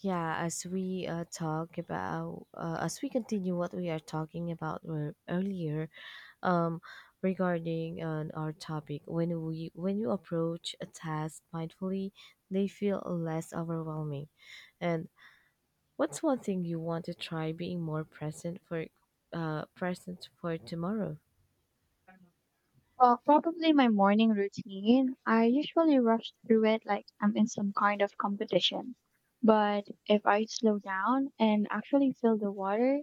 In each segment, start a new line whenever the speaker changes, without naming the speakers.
Yeah, as we talk about, as we continue what we are talking about earlier, um, regarding our topic, when you approach a task mindfully, they feel less overwhelming. And what's one thing you want to try being more present for, present for tomorrow?
Well, probably my morning routine. I usually rush through it like I'm in some kind of competition. But if I slow down and actually feel the water,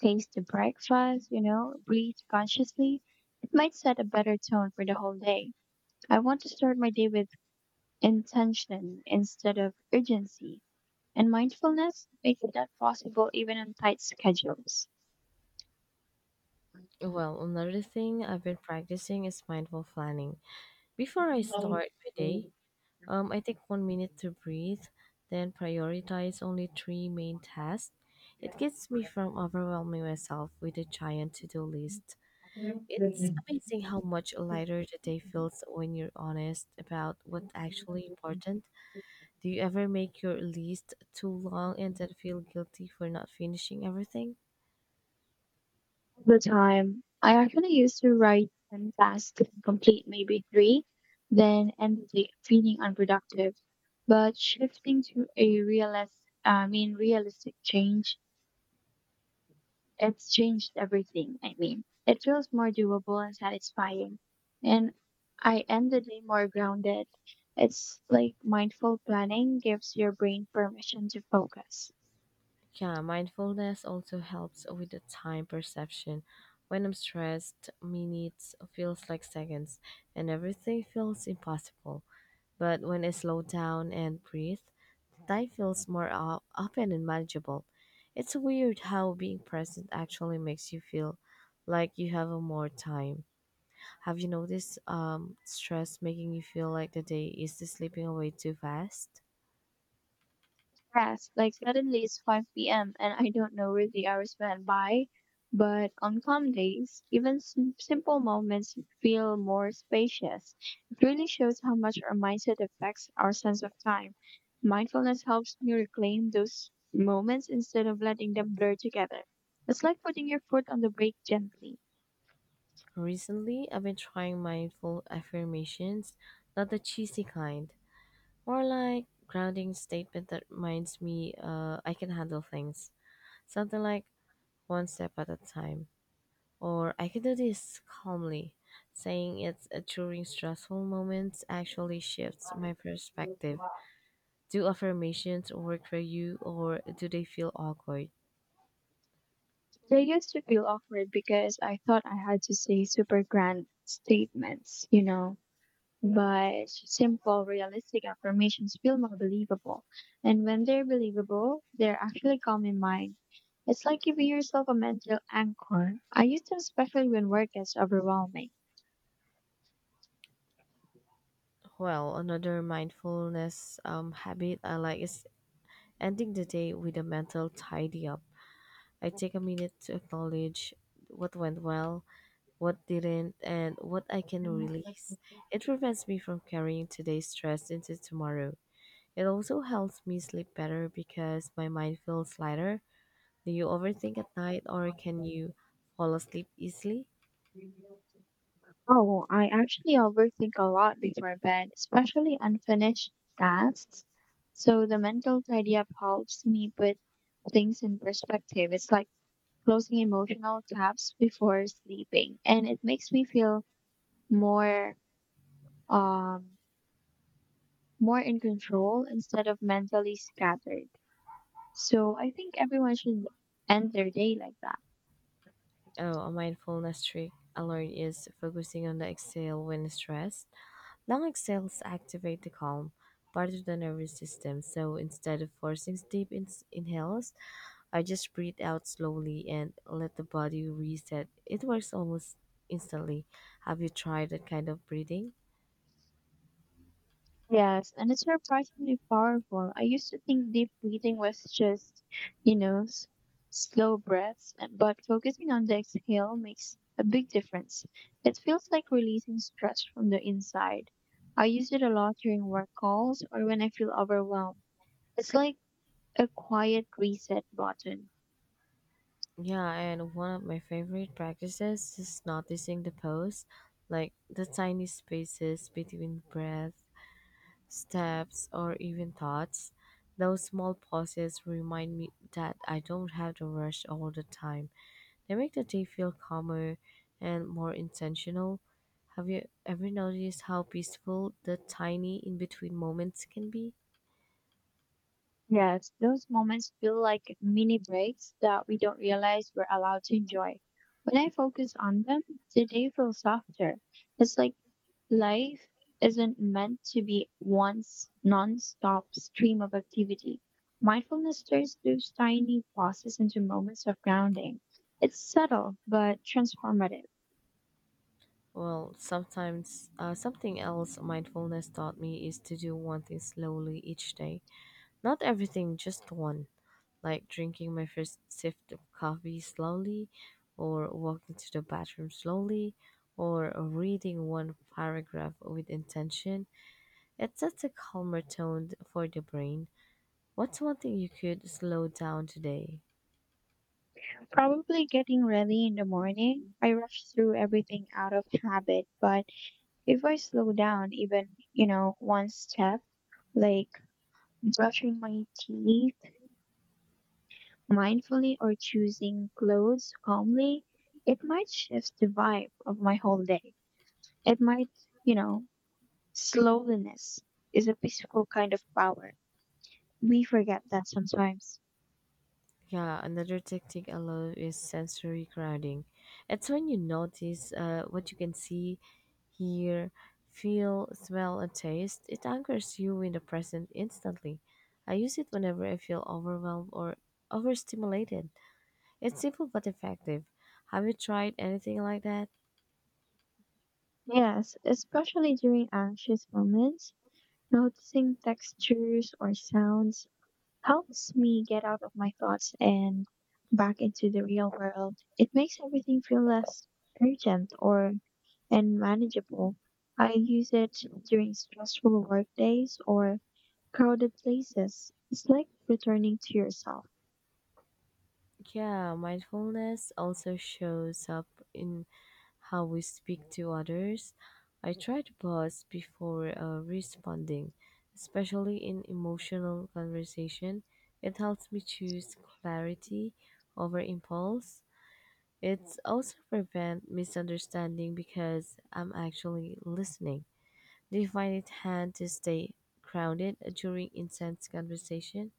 taste the breakfast, breathe consciously, it might set a better tone for the whole day. I want to start my day with intention instead of urgency, and mindfulness makes that possible even on tight schedules.
Well, another thing I've been practicing is mindful planning. Before I start my day, I take 1 minute to breathe, then prioritize only three main tasks. It gets me from overwhelming myself with a giant to do list. It's amazing how much lighter the day feels when you're honest about what's actually important. Do you ever make your list too long and then feel guilty for not finishing everything?
The time. I actually used to write 10 tasks and complete maybe three, then end the day feeling unproductive. But shifting to a realist, I mean, realistic change, it's changed everything. I mean, it feels more doable and satisfying. And I end the day more grounded. It's like mindful planning gives your brain permission to focus.
Yeah, mindfulness also helps with the time perception. When I'm stressed, minutes feels like seconds and everything feels impossible. But when I slow down and breathe, time feels more open and manageable. It's weird how being present actually makes you feel like you have a more time. Have you noticed stress making you feel like the day is slipping away too fast?
Yes, like suddenly it's 5 p.m. and I don't know where the hours went by. But on calm days, even simple moments feel more spacious. It really shows how much our mindset affects our sense of time. Mindfulness helps me reclaim those moments instead of letting them blur together. It's like putting your foot on the brake gently.
Recently, I've been trying mindful affirmations, not the cheesy kind, more like grounding statement that reminds me I can handle things. Something like one step at a time, or I can do this calmly. Saying it during stressful moments actually shifts my perspective. Do affirmations work for you, or do they feel awkward?
They used to feel awkward because I thought I had to say super grand statements, But simple, realistic affirmations feel more believable. And when they're believable, they're actually calm in mind. It's like giving yourself a mental anchor. I use them especially when work gets overwhelming.
Well, another mindfulness habit I like is ending the day with a mental tidy up. I take a minute to acknowledge what went well, what didn't, and what I can release. It prevents me from carrying today's stress into tomorrow. It also helps me sleep better because my mind feels lighter. Do you overthink at night or can you fall asleep easily?
Oh, I actually overthink a lot before bed, especially unfinished tasks. So the mental tidy up helps me put things in perspective. It's like closing emotional tabs before sleeping, and it makes me feel more um more in control instead of mentally scattered. So I think everyone should end their day like that.
Oh, a mindfulness trick I learned is focusing on the exhale when stressed. Long exhales activate the calm part of the nervous system, so instead of forcing deep inhales, I just breathe out slowly and let the body reset. It works almost instantly. Have you tried that kind of breathing?
Yes, and it's surprisingly powerful. I used to think deep breathing was just, you know, s- slow breaths, and but focusing on the exhale makes a big difference. It feels like releasing stress from the inside. I use it a lot during work calls or when I feel overwhelmed. It's like a quiet reset button.
Yeah, and one of my favorite practices is noticing the pose, like the tiny spaces between breath, steps, or even thoughts. Those small pauses remind me that I don't have to rush all the time. They make the day feel calmer and more intentional. Have you ever noticed how peaceful the tiny in between moments can be?
Yes, those moments feel like mini breaks that we don't realize we're allowed to enjoy. When I focus on them, the day feels softer. It's like life isn't meant to be one non-stop stream of activity. Mindfulness turns those tiny pauses into moments of grounding. It's subtle but transformative.
Well, sometimes something else mindfulness taught me is to do one thing slowly each day. Not everything, just one. Like drinking my first sip of coffee slowly, or walking to the bathroom slowly, or reading one paragraph with intention. It sets a calmer tone for the brain. What's one thing you could slow down today?
Probably getting ready in the morning, I rush through everything out of habit, but if I slow down even, one step, like brushing my teeth mindfully or choosing clothes calmly, it might shift the vibe of my whole day. It might, you know, slowliness is a peaceful kind of power. We forget that sometimes.
Yeah, another technique I love is sensory grounding. It's when you notice what you can see, hear, feel, smell, and taste. It anchors you in the present instantly. I use it whenever I feel overwhelmed or overstimulated. It's simple but effective. Have you tried anything like that?
Yes, especially during anxious moments, noticing textures or sounds helps me get out of my thoughts and back into the real world. It makes everything feel less urgent or and manageable. I use it during stressful work days or crowded places. It's like returning to yourself.
Yeah, mindfulness also shows up in how we speak to others. I try to pause before responding, especially in emotional conversation. It helps me choose clarity over impulse. It also prevents misunderstanding because I'm actually listening. Do you find it hard to stay grounded during intense conversation?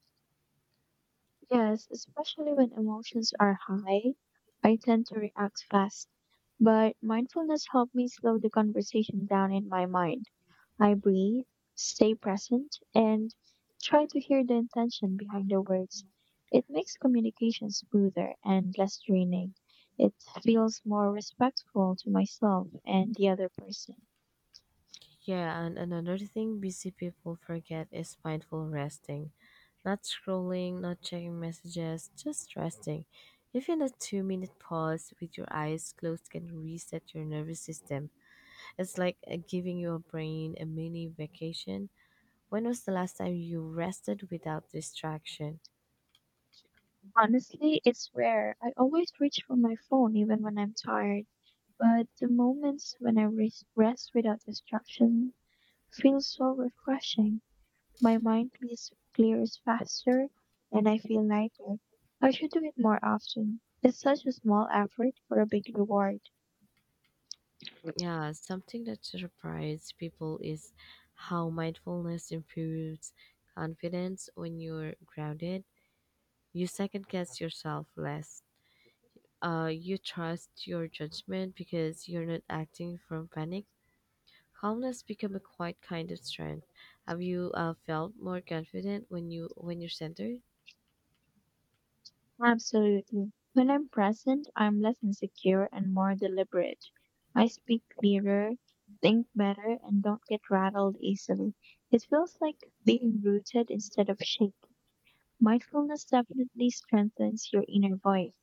Yes, especially when emotions are high, I tend to react fast. But mindfulness helped me slow the conversation down in my mind. I breathe, stay present, and try to hear the intention behind the words. It makes communication smoother and less draining. It feels more respectful to myself and the other person.
Yeah, and another thing busy people forget is mindful resting. Not scrolling, not checking messages, just resting. Even a 2 minute pause with your eyes closed can reset your nervous system. It's like giving your brain a mini vacation. When was the last time you rested without distraction?
Honestly, it's rare. I always reach for my phone even when I'm tired, but the moments when I rest without distraction feel so refreshing. My mind clears faster and I feel lighter. I should do it more often. It's such a small effort for a big reward.
Yeah, something that surprised people is how mindfulness improves confidence when you're grounded. You second guess yourself less. You trust your judgment because you're not acting from panic. Calmness become a quiet kind of strength. Have you felt more confident when you when you're centered?
Absolutely. When I'm present, I'm less insecure and more deliberate. I speak clearer, think better, and don't get rattled easily. It feels like being rooted instead of shaken. Mindfulness definitely strengthens your inner voice.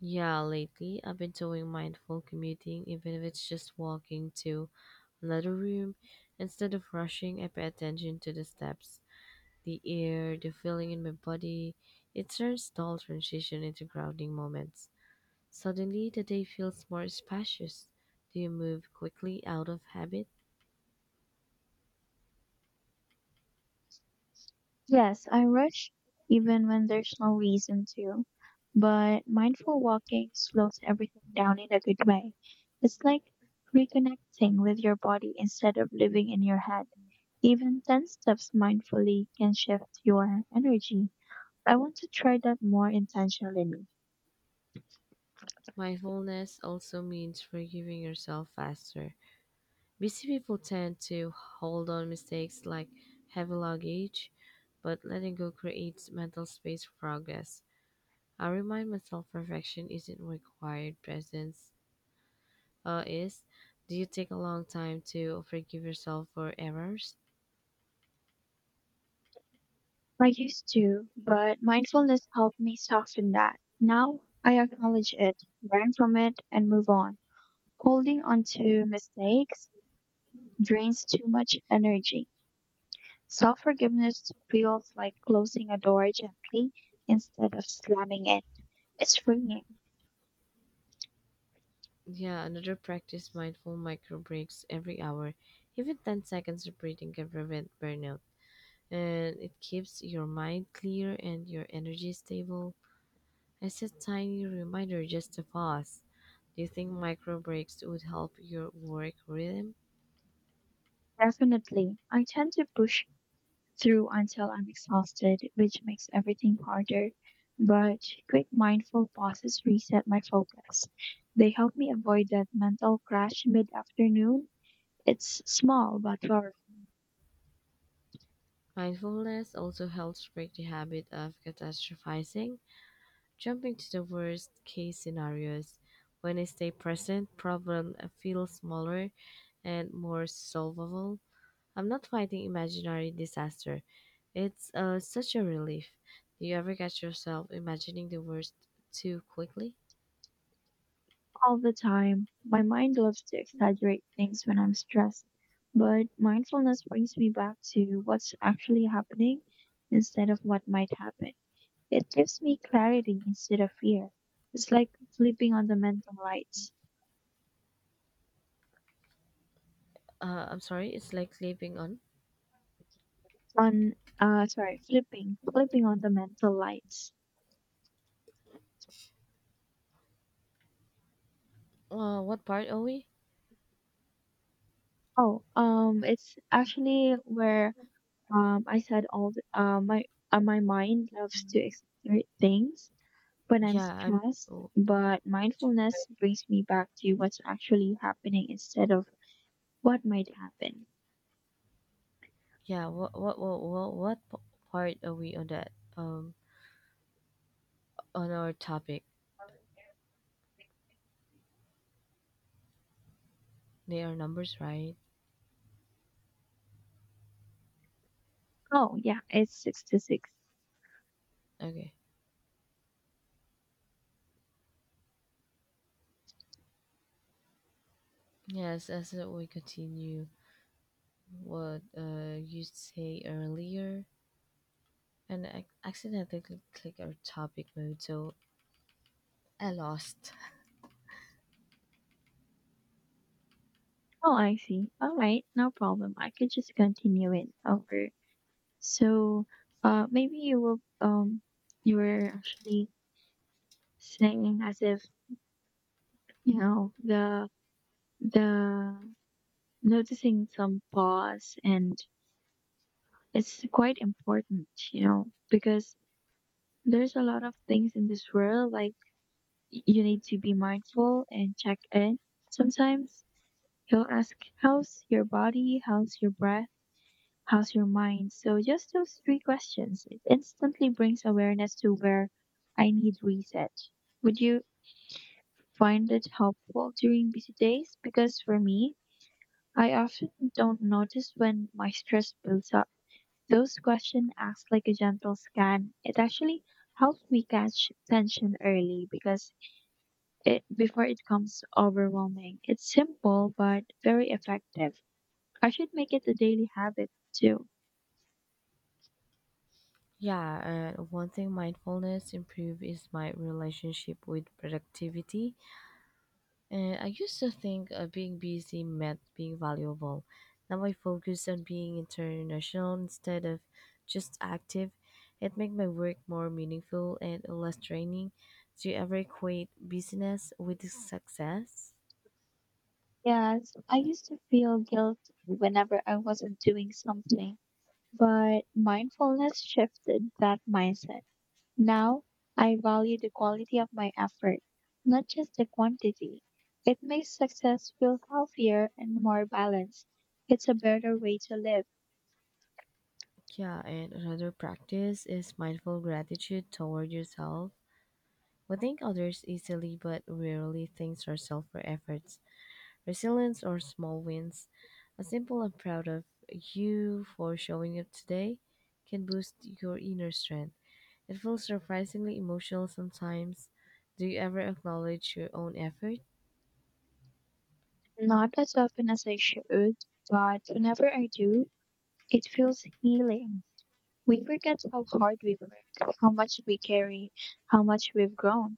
Yeah, lately I've been doing mindful commuting, even if it's just walking to another room. Instead of rushing, I pay attention to the steps, the air, the feeling in my body. It turns dull transition into grounding moments. Suddenly the day feels more spacious. Do you move quickly out of habit?
Yes, I rush even when there's no reason to, but mindful walking slows everything down in a good way. It's like reconnecting with your body instead of living in your head. Even 10 steps mindfully can shift your energy. I want to try that more intentionally.
Mindfulness also means forgiving yourself faster. Busy people tend to hold on mistakes like heavy luggage, but letting go creates mental space for progress. I remind myself perfection isn't required, presence is. Do you take a long time to forgive yourself for errors?
I used to, but mindfulness helped me soften that. Now I acknowledge it, learn from it, and move on. Holding on to mistakes drains too much energy. Self forgiveness feels like closing a door gently instead of slamming it. It's freeing,
Yeah, another practice mindful micro breaks every hour. Even 10 seconds of breathing can prevent burnout. And it keeps your mind clear and your energy stable. I set tiny reminder just to pause. Do you think micro breaks would help your work rhythm?
definitely. I tend to push through until I'm exhausted, which makes everything harder. But quick mindful pauses reset my focus. They help me avoid that mental crash mid afternoon. It's small but powerful
Mindfulness also helps break the habit of catastrophizing, jumping to the worst case scenarios. When I stay present, problem feels smaller and more solvable. I'm not fighting imaginary disaster. It's such a relief. Do you ever catch yourself imagining the worst too quickly?
all the time. My mind loves to exaggerate things when I'm stressed, but mindfulness brings me back to what's actually happening instead of what might happen. It gives me clarity instead of fear. It's like flipping on the mental lights.
I'm sorry, it's like sleeping on.
On sorry, flipping on the mental lights.
What part are we?
Oh, it's actually where I said all the, my my mind loves to exaggerate things when I'm
Yeah, I'm.
stressed,
Oh,
but mindfulness brings me back to what's actually happening instead of what might happen.
yeah, part are we on that? Um, on our topic, they are numbers, right?
Oh yeah, it's 6-6.
Okay. Yes, as we continue, what you say earlier, and I accidentally click our topic mode, so I lost.
Oh, I see. All right, no problem. I could just continue it over. So, maybe you will, you were actually singing as if the the noticing some pause, and it's quite important because there's a lot of things in this world, like you need to be mindful and check in sometimes. He'll ask, how's your body, how's your breath, how's your mind? So just those three questions, it instantly brings awareness to where I need reset. Would you find it helpful during busy days? Because for me, I often don't notice when my stress builds up. Those questions asked like a gentle scan. It actually helps me catch tension early, because it before it becomes overwhelming. It's simple but very effective. I should make it a daily habit too.
Yeah, one thing mindfulness improve is my relationship with productivity. And I used to think being busy meant being valuable. Now I focus on being international instead of just active. It makes my work more meaningful and less draining. Do you ever equate busyness with success?
Yes, I used to feel guilty whenever I wasn't doing something, but mindfulness shifted that mindset. Now I value the quality of my effort, not just the quantity. It makes success feel healthier and more balanced. It's a better way to live.
Yeah, and another practice is mindful gratitude toward yourself. We thank others easily, but rarely thank ourselves for efforts, resilience, or small wins. A simple I'm proud of you for showing up today can boost your inner strength. It feels surprisingly emotional sometimes. Do you ever acknowledge your own effort?
Not as often as I should, but whenever I do, it feels healing. We forget how hard we work, how much we carry, how much we've grown.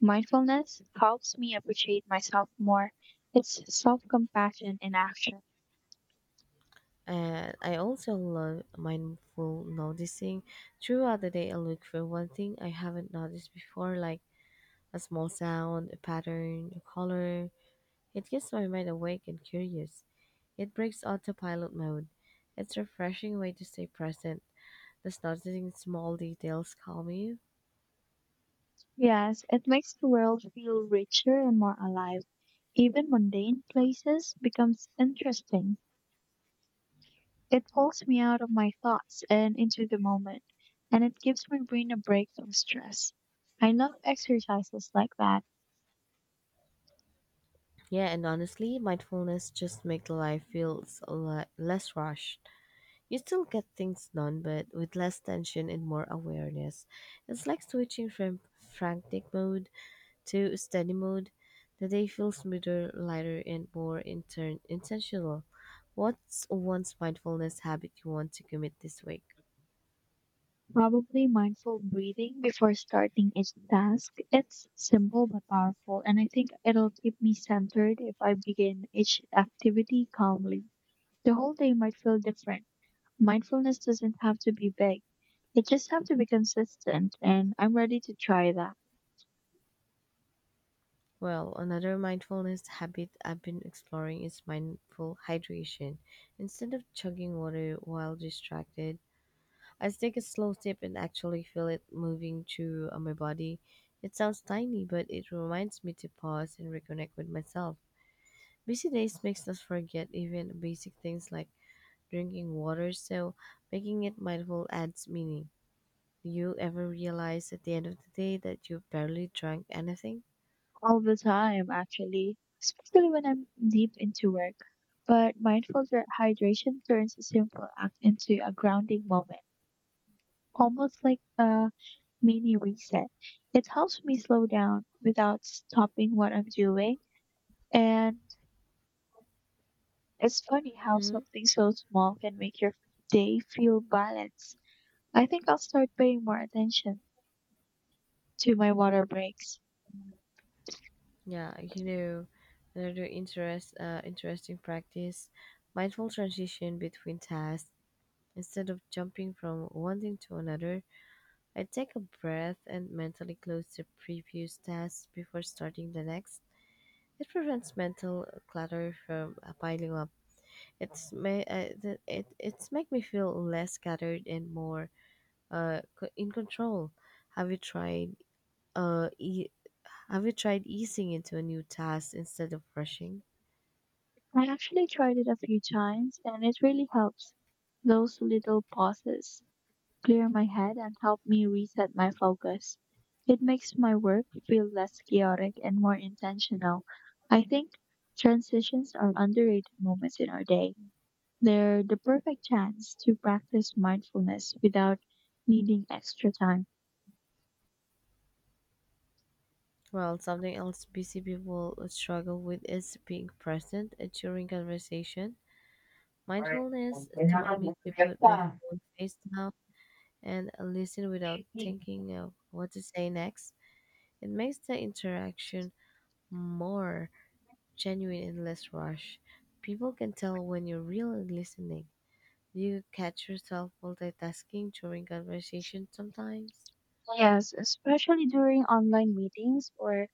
Mindfulness helps me appreciate myself more. It's self compassion in action.
And I also love mindful noticing. Throughout the day, I look for one thing I haven't noticed before, like a small sound, a pattern, a color. It keeps my mind awake and curious. It breaks autopilot mode. It's a refreshing way to stay present. Does noticing small details calm you?
Yes, it makes the world feel richer and more alive. Even mundane places becomes interesting. It pulls me out of my thoughts and into the moment, and it gives my brain a break from stress. I love exercises like that.
Yeah, and honestly, mindfulness just makes life feels a lot less rushed. You still get things done, but with less tension and more awareness. It's like switching from frantic mode to steady mode. The day feels smoother, lighter, and more intern intentional. What's one's mindfulness habit you want to commit this week?
Probably mindful breathing before starting each task. It's simple but powerful, and I think it'll keep me centered if I begin each activity calmly. The whole day might feel different. Mindfulness doesn't have to be big, it just have to be consistent, and I'm ready to try that.
Well, another mindfulness habit I've been exploring is mindful hydration. Instead of chugging water while distracted, I take a slow sip and actually feel it moving through my body. It sounds tiny, but it reminds me to pause and reconnect with myself. Busy days makes us forget even basic things like drinking water, so making it mindful adds meaning. Do you ever realize at the end of the day that you barely drank anything?
All the time, actually, especially when I'm deep into work. But mindful hydration turns a simple act into a grounding moment, almost like a mini reset. It helps me slow down without stopping what I'm doing. And it's funny how
Hmm?
something so small can make your day feel balanced. I think I'll start paying more attention to my water breaks.
Yeah, you know, another interesting practice, mindful transition between tasks. Instead of jumping from one thing to another, I take a breath and mentally close the previous task before starting the next. It prevents mental clutter from piling up. It it's make me feel less scattered and more in control. Have you tried uh e- have you tried easing into a new task instead of rushing?
I actually tried it a few times and it really helps, those little pauses clear my head and help me reset my focus. It makes my work feel less chaotic and more intentional. I think transitions are underrated moments in our day. They're the perfect chance to practice mindfulness without needing extra time.
Well, something else busy people struggle with is being present during conversation. Mindfulness taught me to put my phone face down and listen without thinking of what to say next. It makes the interaction more genuine and less rushed. People can tell when you're really listening. Do you catch yourself multitasking during conversation sometimes?
Yes, especially during online meetings or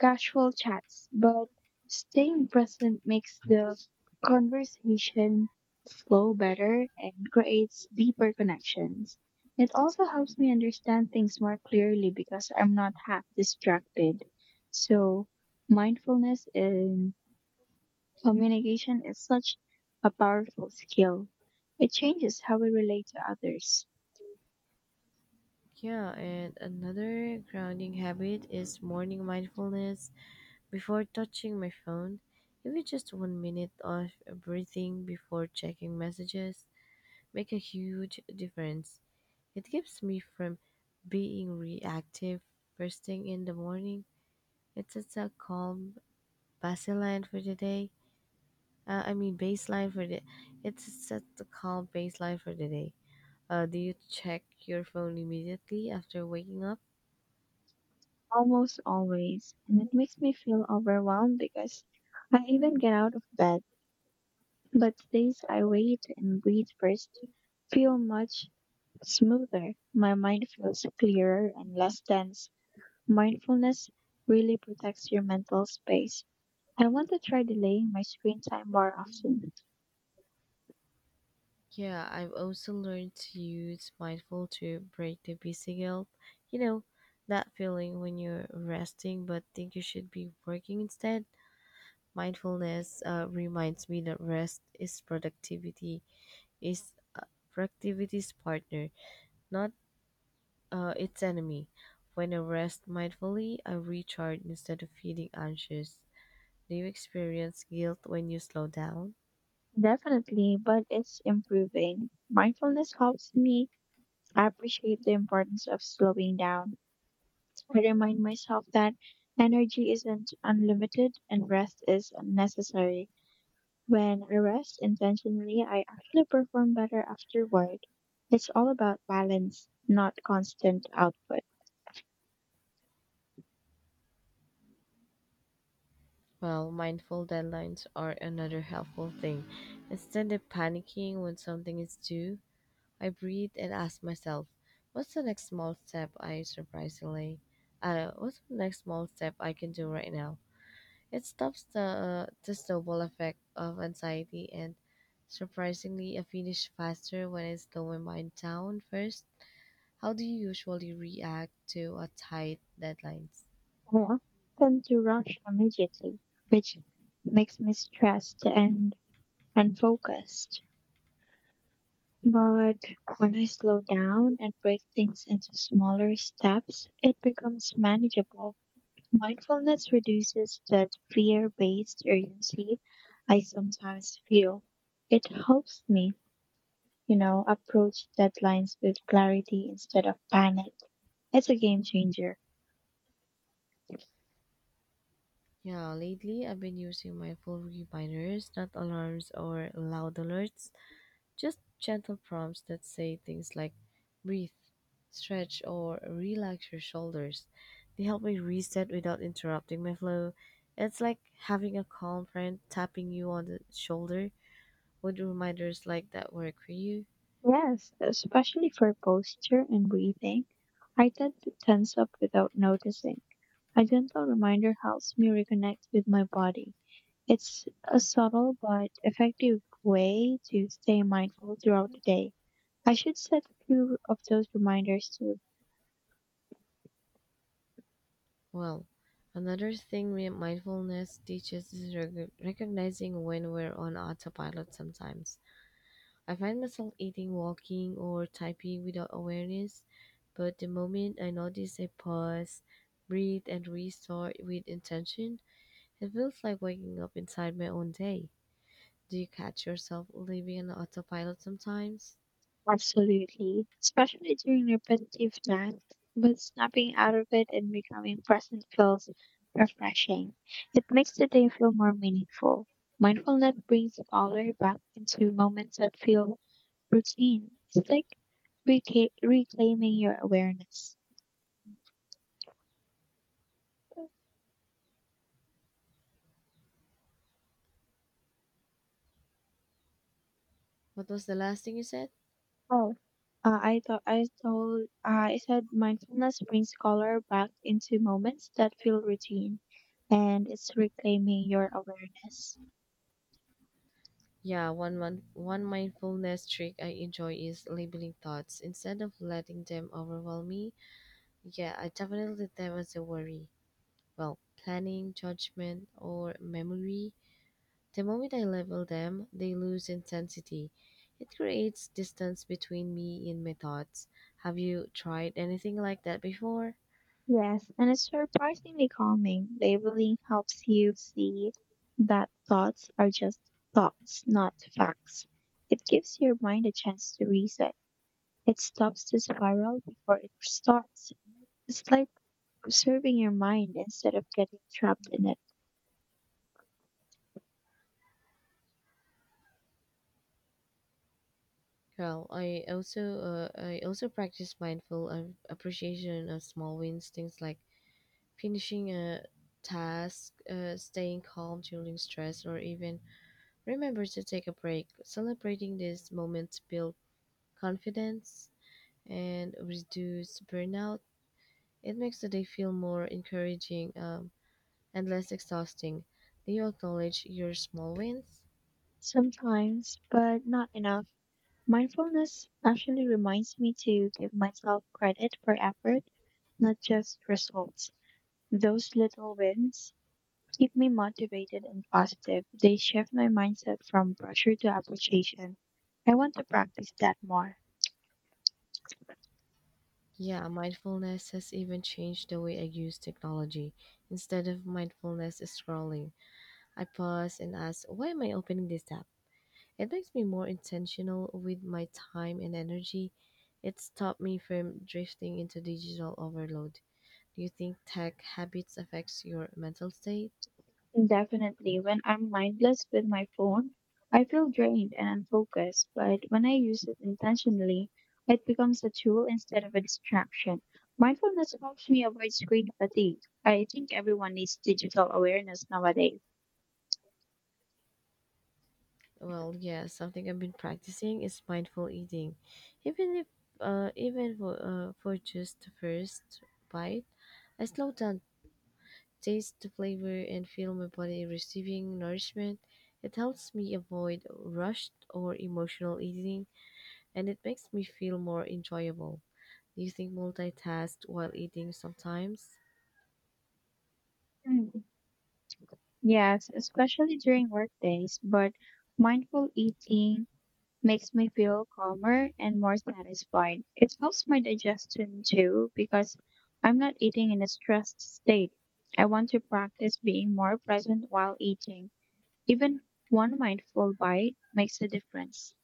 casual chats, but staying present makes the conversation flow better and creates deeper connections. It also helps me understand things more clearly because I'm not half distracted. So, mindfulness in communication is such a powerful skill. It changes how we relate to others.
Yeah, and another grounding habit is morning mindfulness. Before touching my phone, even just 1 minute of breathing before checking messages make a huge difference. It keeps me from being reactive first thing in the morning. It sets a calm baseline for the day. I mean baseline for the. It sets a calm baseline for the day. Do you check your phone immediately after waking up?
Almost always, and it makes me feel overwhelmed because I even get out of bed. But these, I wait and breathe first, feel much smoother. My mind feels clearer and less dense. Mindfulness really protects your mental space. I want to try delaying my screen time more often.
Yeah, I've also learned to use mindful to break the busy guilt. You know, that feeling when you're resting but think you should be working instead. Mindfulness reminds me that rest is productivity, is productivity's partner, not its enemy. When I rest mindfully, I recharge instead of feeling anxious. Do you experience guilt when you slow down?
Definitely, but it's improving. Mindfulness helps me appreciate the importance of slowing down. I remind myself that energy isn't unlimited and rest is unnecessary. When I rest intentionally, I actually perform better afterward. It's all about balance, not constant output.
Well, mindful deadlines are another helpful thing. Instead of panicking when something is due, I breathe and ask myself, what's the next small step I surprisingly, what's the next small step I can do right now? It stops the snowball effect of anxiety and surprisingly, I finish faster when I slow my mind down first. How do you usually react to a tight deadlines?
I often tend to rush immediately, which makes me stressed and unfocused. But when I slow down and break things into smaller steps, it becomes manageable. Mindfulness reduces that fear based urgency I sometimes feel. It helps me, approach deadlines with clarity instead of panic. It's a game changer.
Yeah, lately I've been using mindful reminders, not alarms or loud alerts, just gentle prompts that say things like breathe, stretch, or relax your shoulders. They help me reset without interrupting my flow. It's like having a calm friend tapping you on the shoulder. Would reminders like that work for you?
Yes, especially for posture and breathing. I tend to tense up without noticing. A gentle reminder helps me reconnect with my body. It's a subtle but effective way to stay mindful throughout the day. I should set a few of those reminders to
Well, another thing mindfulness teaches is recognizing when we're on autopilot sometimes I find myself eating, walking, or typing without awareness, but the moment I notice I pause, breathe, and restart with intention, it feels like waking up inside my own day. Do you catch yourself living on autopilot sometimes?
Absolutely, especially during repetitive tasks, but snapping out of it and becoming present feels refreshing. It makes the day feel more meaningful. Mindfulness brings color back into moments that feel routine. It's like reclaiming your awareness.
What was the last thing you said?
Oh, I thought I told I said mindfulness brings color back into moments that feel routine, and it's reclaiming your awareness.
Yeah, one mindfulness trick I enjoy is labeling thoughts instead of letting them overwhelm me. Yeah, I definitely them as a worry. Well, planning, judgment, or memory. The moment I level them, they lose intensity. It creates distance between me and my thoughts. Have you tried anything like that before?
Yes, and it's surprisingly calming. Labeling helps you see that thoughts are just thoughts, not facts. It gives your mind a chance to reset. It stops the spiral before it starts. It's like observing your mind instead of getting trapped in it.
Well, I also practice mindful appreciation of small wins, things like finishing a task, staying calm during stress, or even remember to take a break. Celebrating these moments build confidence and reduce burnout. It makes the day feel more encouraging. And less exhausting. Do you acknowledge your small wins?
Sometimes, but not enough. Mindfulness actually reminds me to give myself credit for effort, not just results. Those little wins keep me motivated and positive. They shift my mindset from pressure to appreciation. I want to practice that more.
Yeah, mindfulness has even changed the way I use technology. Instead of mindfulness scrolling, I pause and ask, why am I opening this app? It makes me more intentional with my time and energy. It stopped me from drifting into digital overload. Do you think tech habits affects your mental state?
And definitely, when I'm mindless with my phone, I feel drained and unfocused, but when I use it intentionally, it becomes a tool instead of a distraction. Mindfulness helps me avoid screen fatigue. I think everyone needs digital awareness nowadays.
Well, yeah, something I've been practicing is mindful eating. Even if, even for just the first bite, I slow down, taste the flavor, and feel my body receiving nourishment. It helps me avoid rushed or emotional eating, and it makes me feel more enjoyable. Do you think multitask while eating sometimes?
Mm, yes, especially during work days, but mindful eating makes me feel calmer and more satisfied. It helps my digestion too because I'm not eating in a stressed state. I want to practice being more present while eating. Even one mindful bite makes a difference.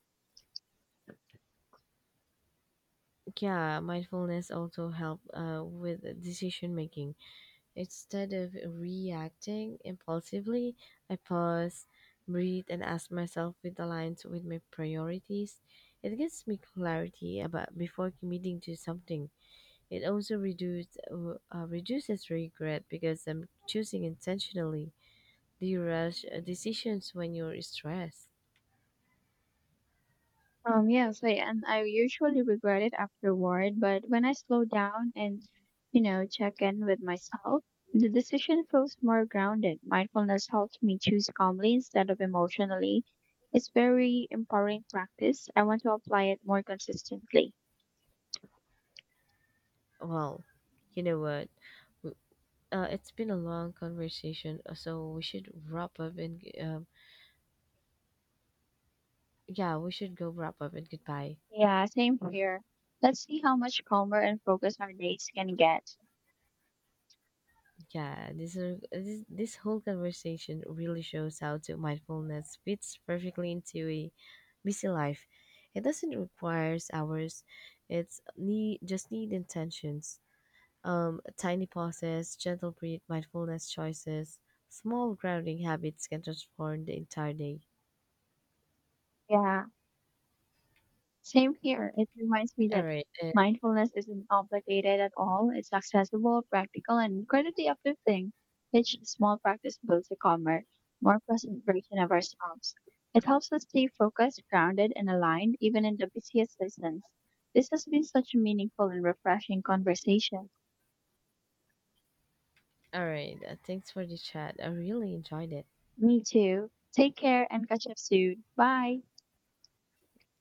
Yeah, mindfulness also help with decision making. Instead of reacting impulsively, I pause, breathe, and ask myself if it aligns with my priorities. It gives me clarity about before committing to something. It also reduces reduces regret because I'm choosing intentionally. Do you rush decisions when you're stressed?
Yes, I, and I usually regret it afterward, but when I slow down and, check in with myself, the decision feels more grounded. Mindfulness helps me choose calmly instead of emotionally. It's very empowering practice. I want to apply it more consistently.
Well, you know what? W- it's been a long conversation, so we should wrap up and g- yeah, we should go wrap up and goodbye.
Yeah, same here. Let's see how much calmer and focused our days can get.
Yeah, this are- this whole conversation really shows how to mindfulness fits perfectly into a busy life. It doesn't requires hours. It's need just need intentions. Tiny pauses, gentle breath, mindfulness choices, small grounding habits can transform the entire day.
Yeah. Same here. It reminds me
All
that
right, uh,
mindfulness isn't complicated at all. It's accessible, practical, and incredibly uplifting. Each small practice builds a calmer, more present version of ourselves. It helps us stay focused, grounded, and aligned even in the busiest seasons. This has been such a meaningful and refreshing conversation.
all right. Thanks for the chat. I really enjoyed it.
Me too. Take care and catch up soon. Bye.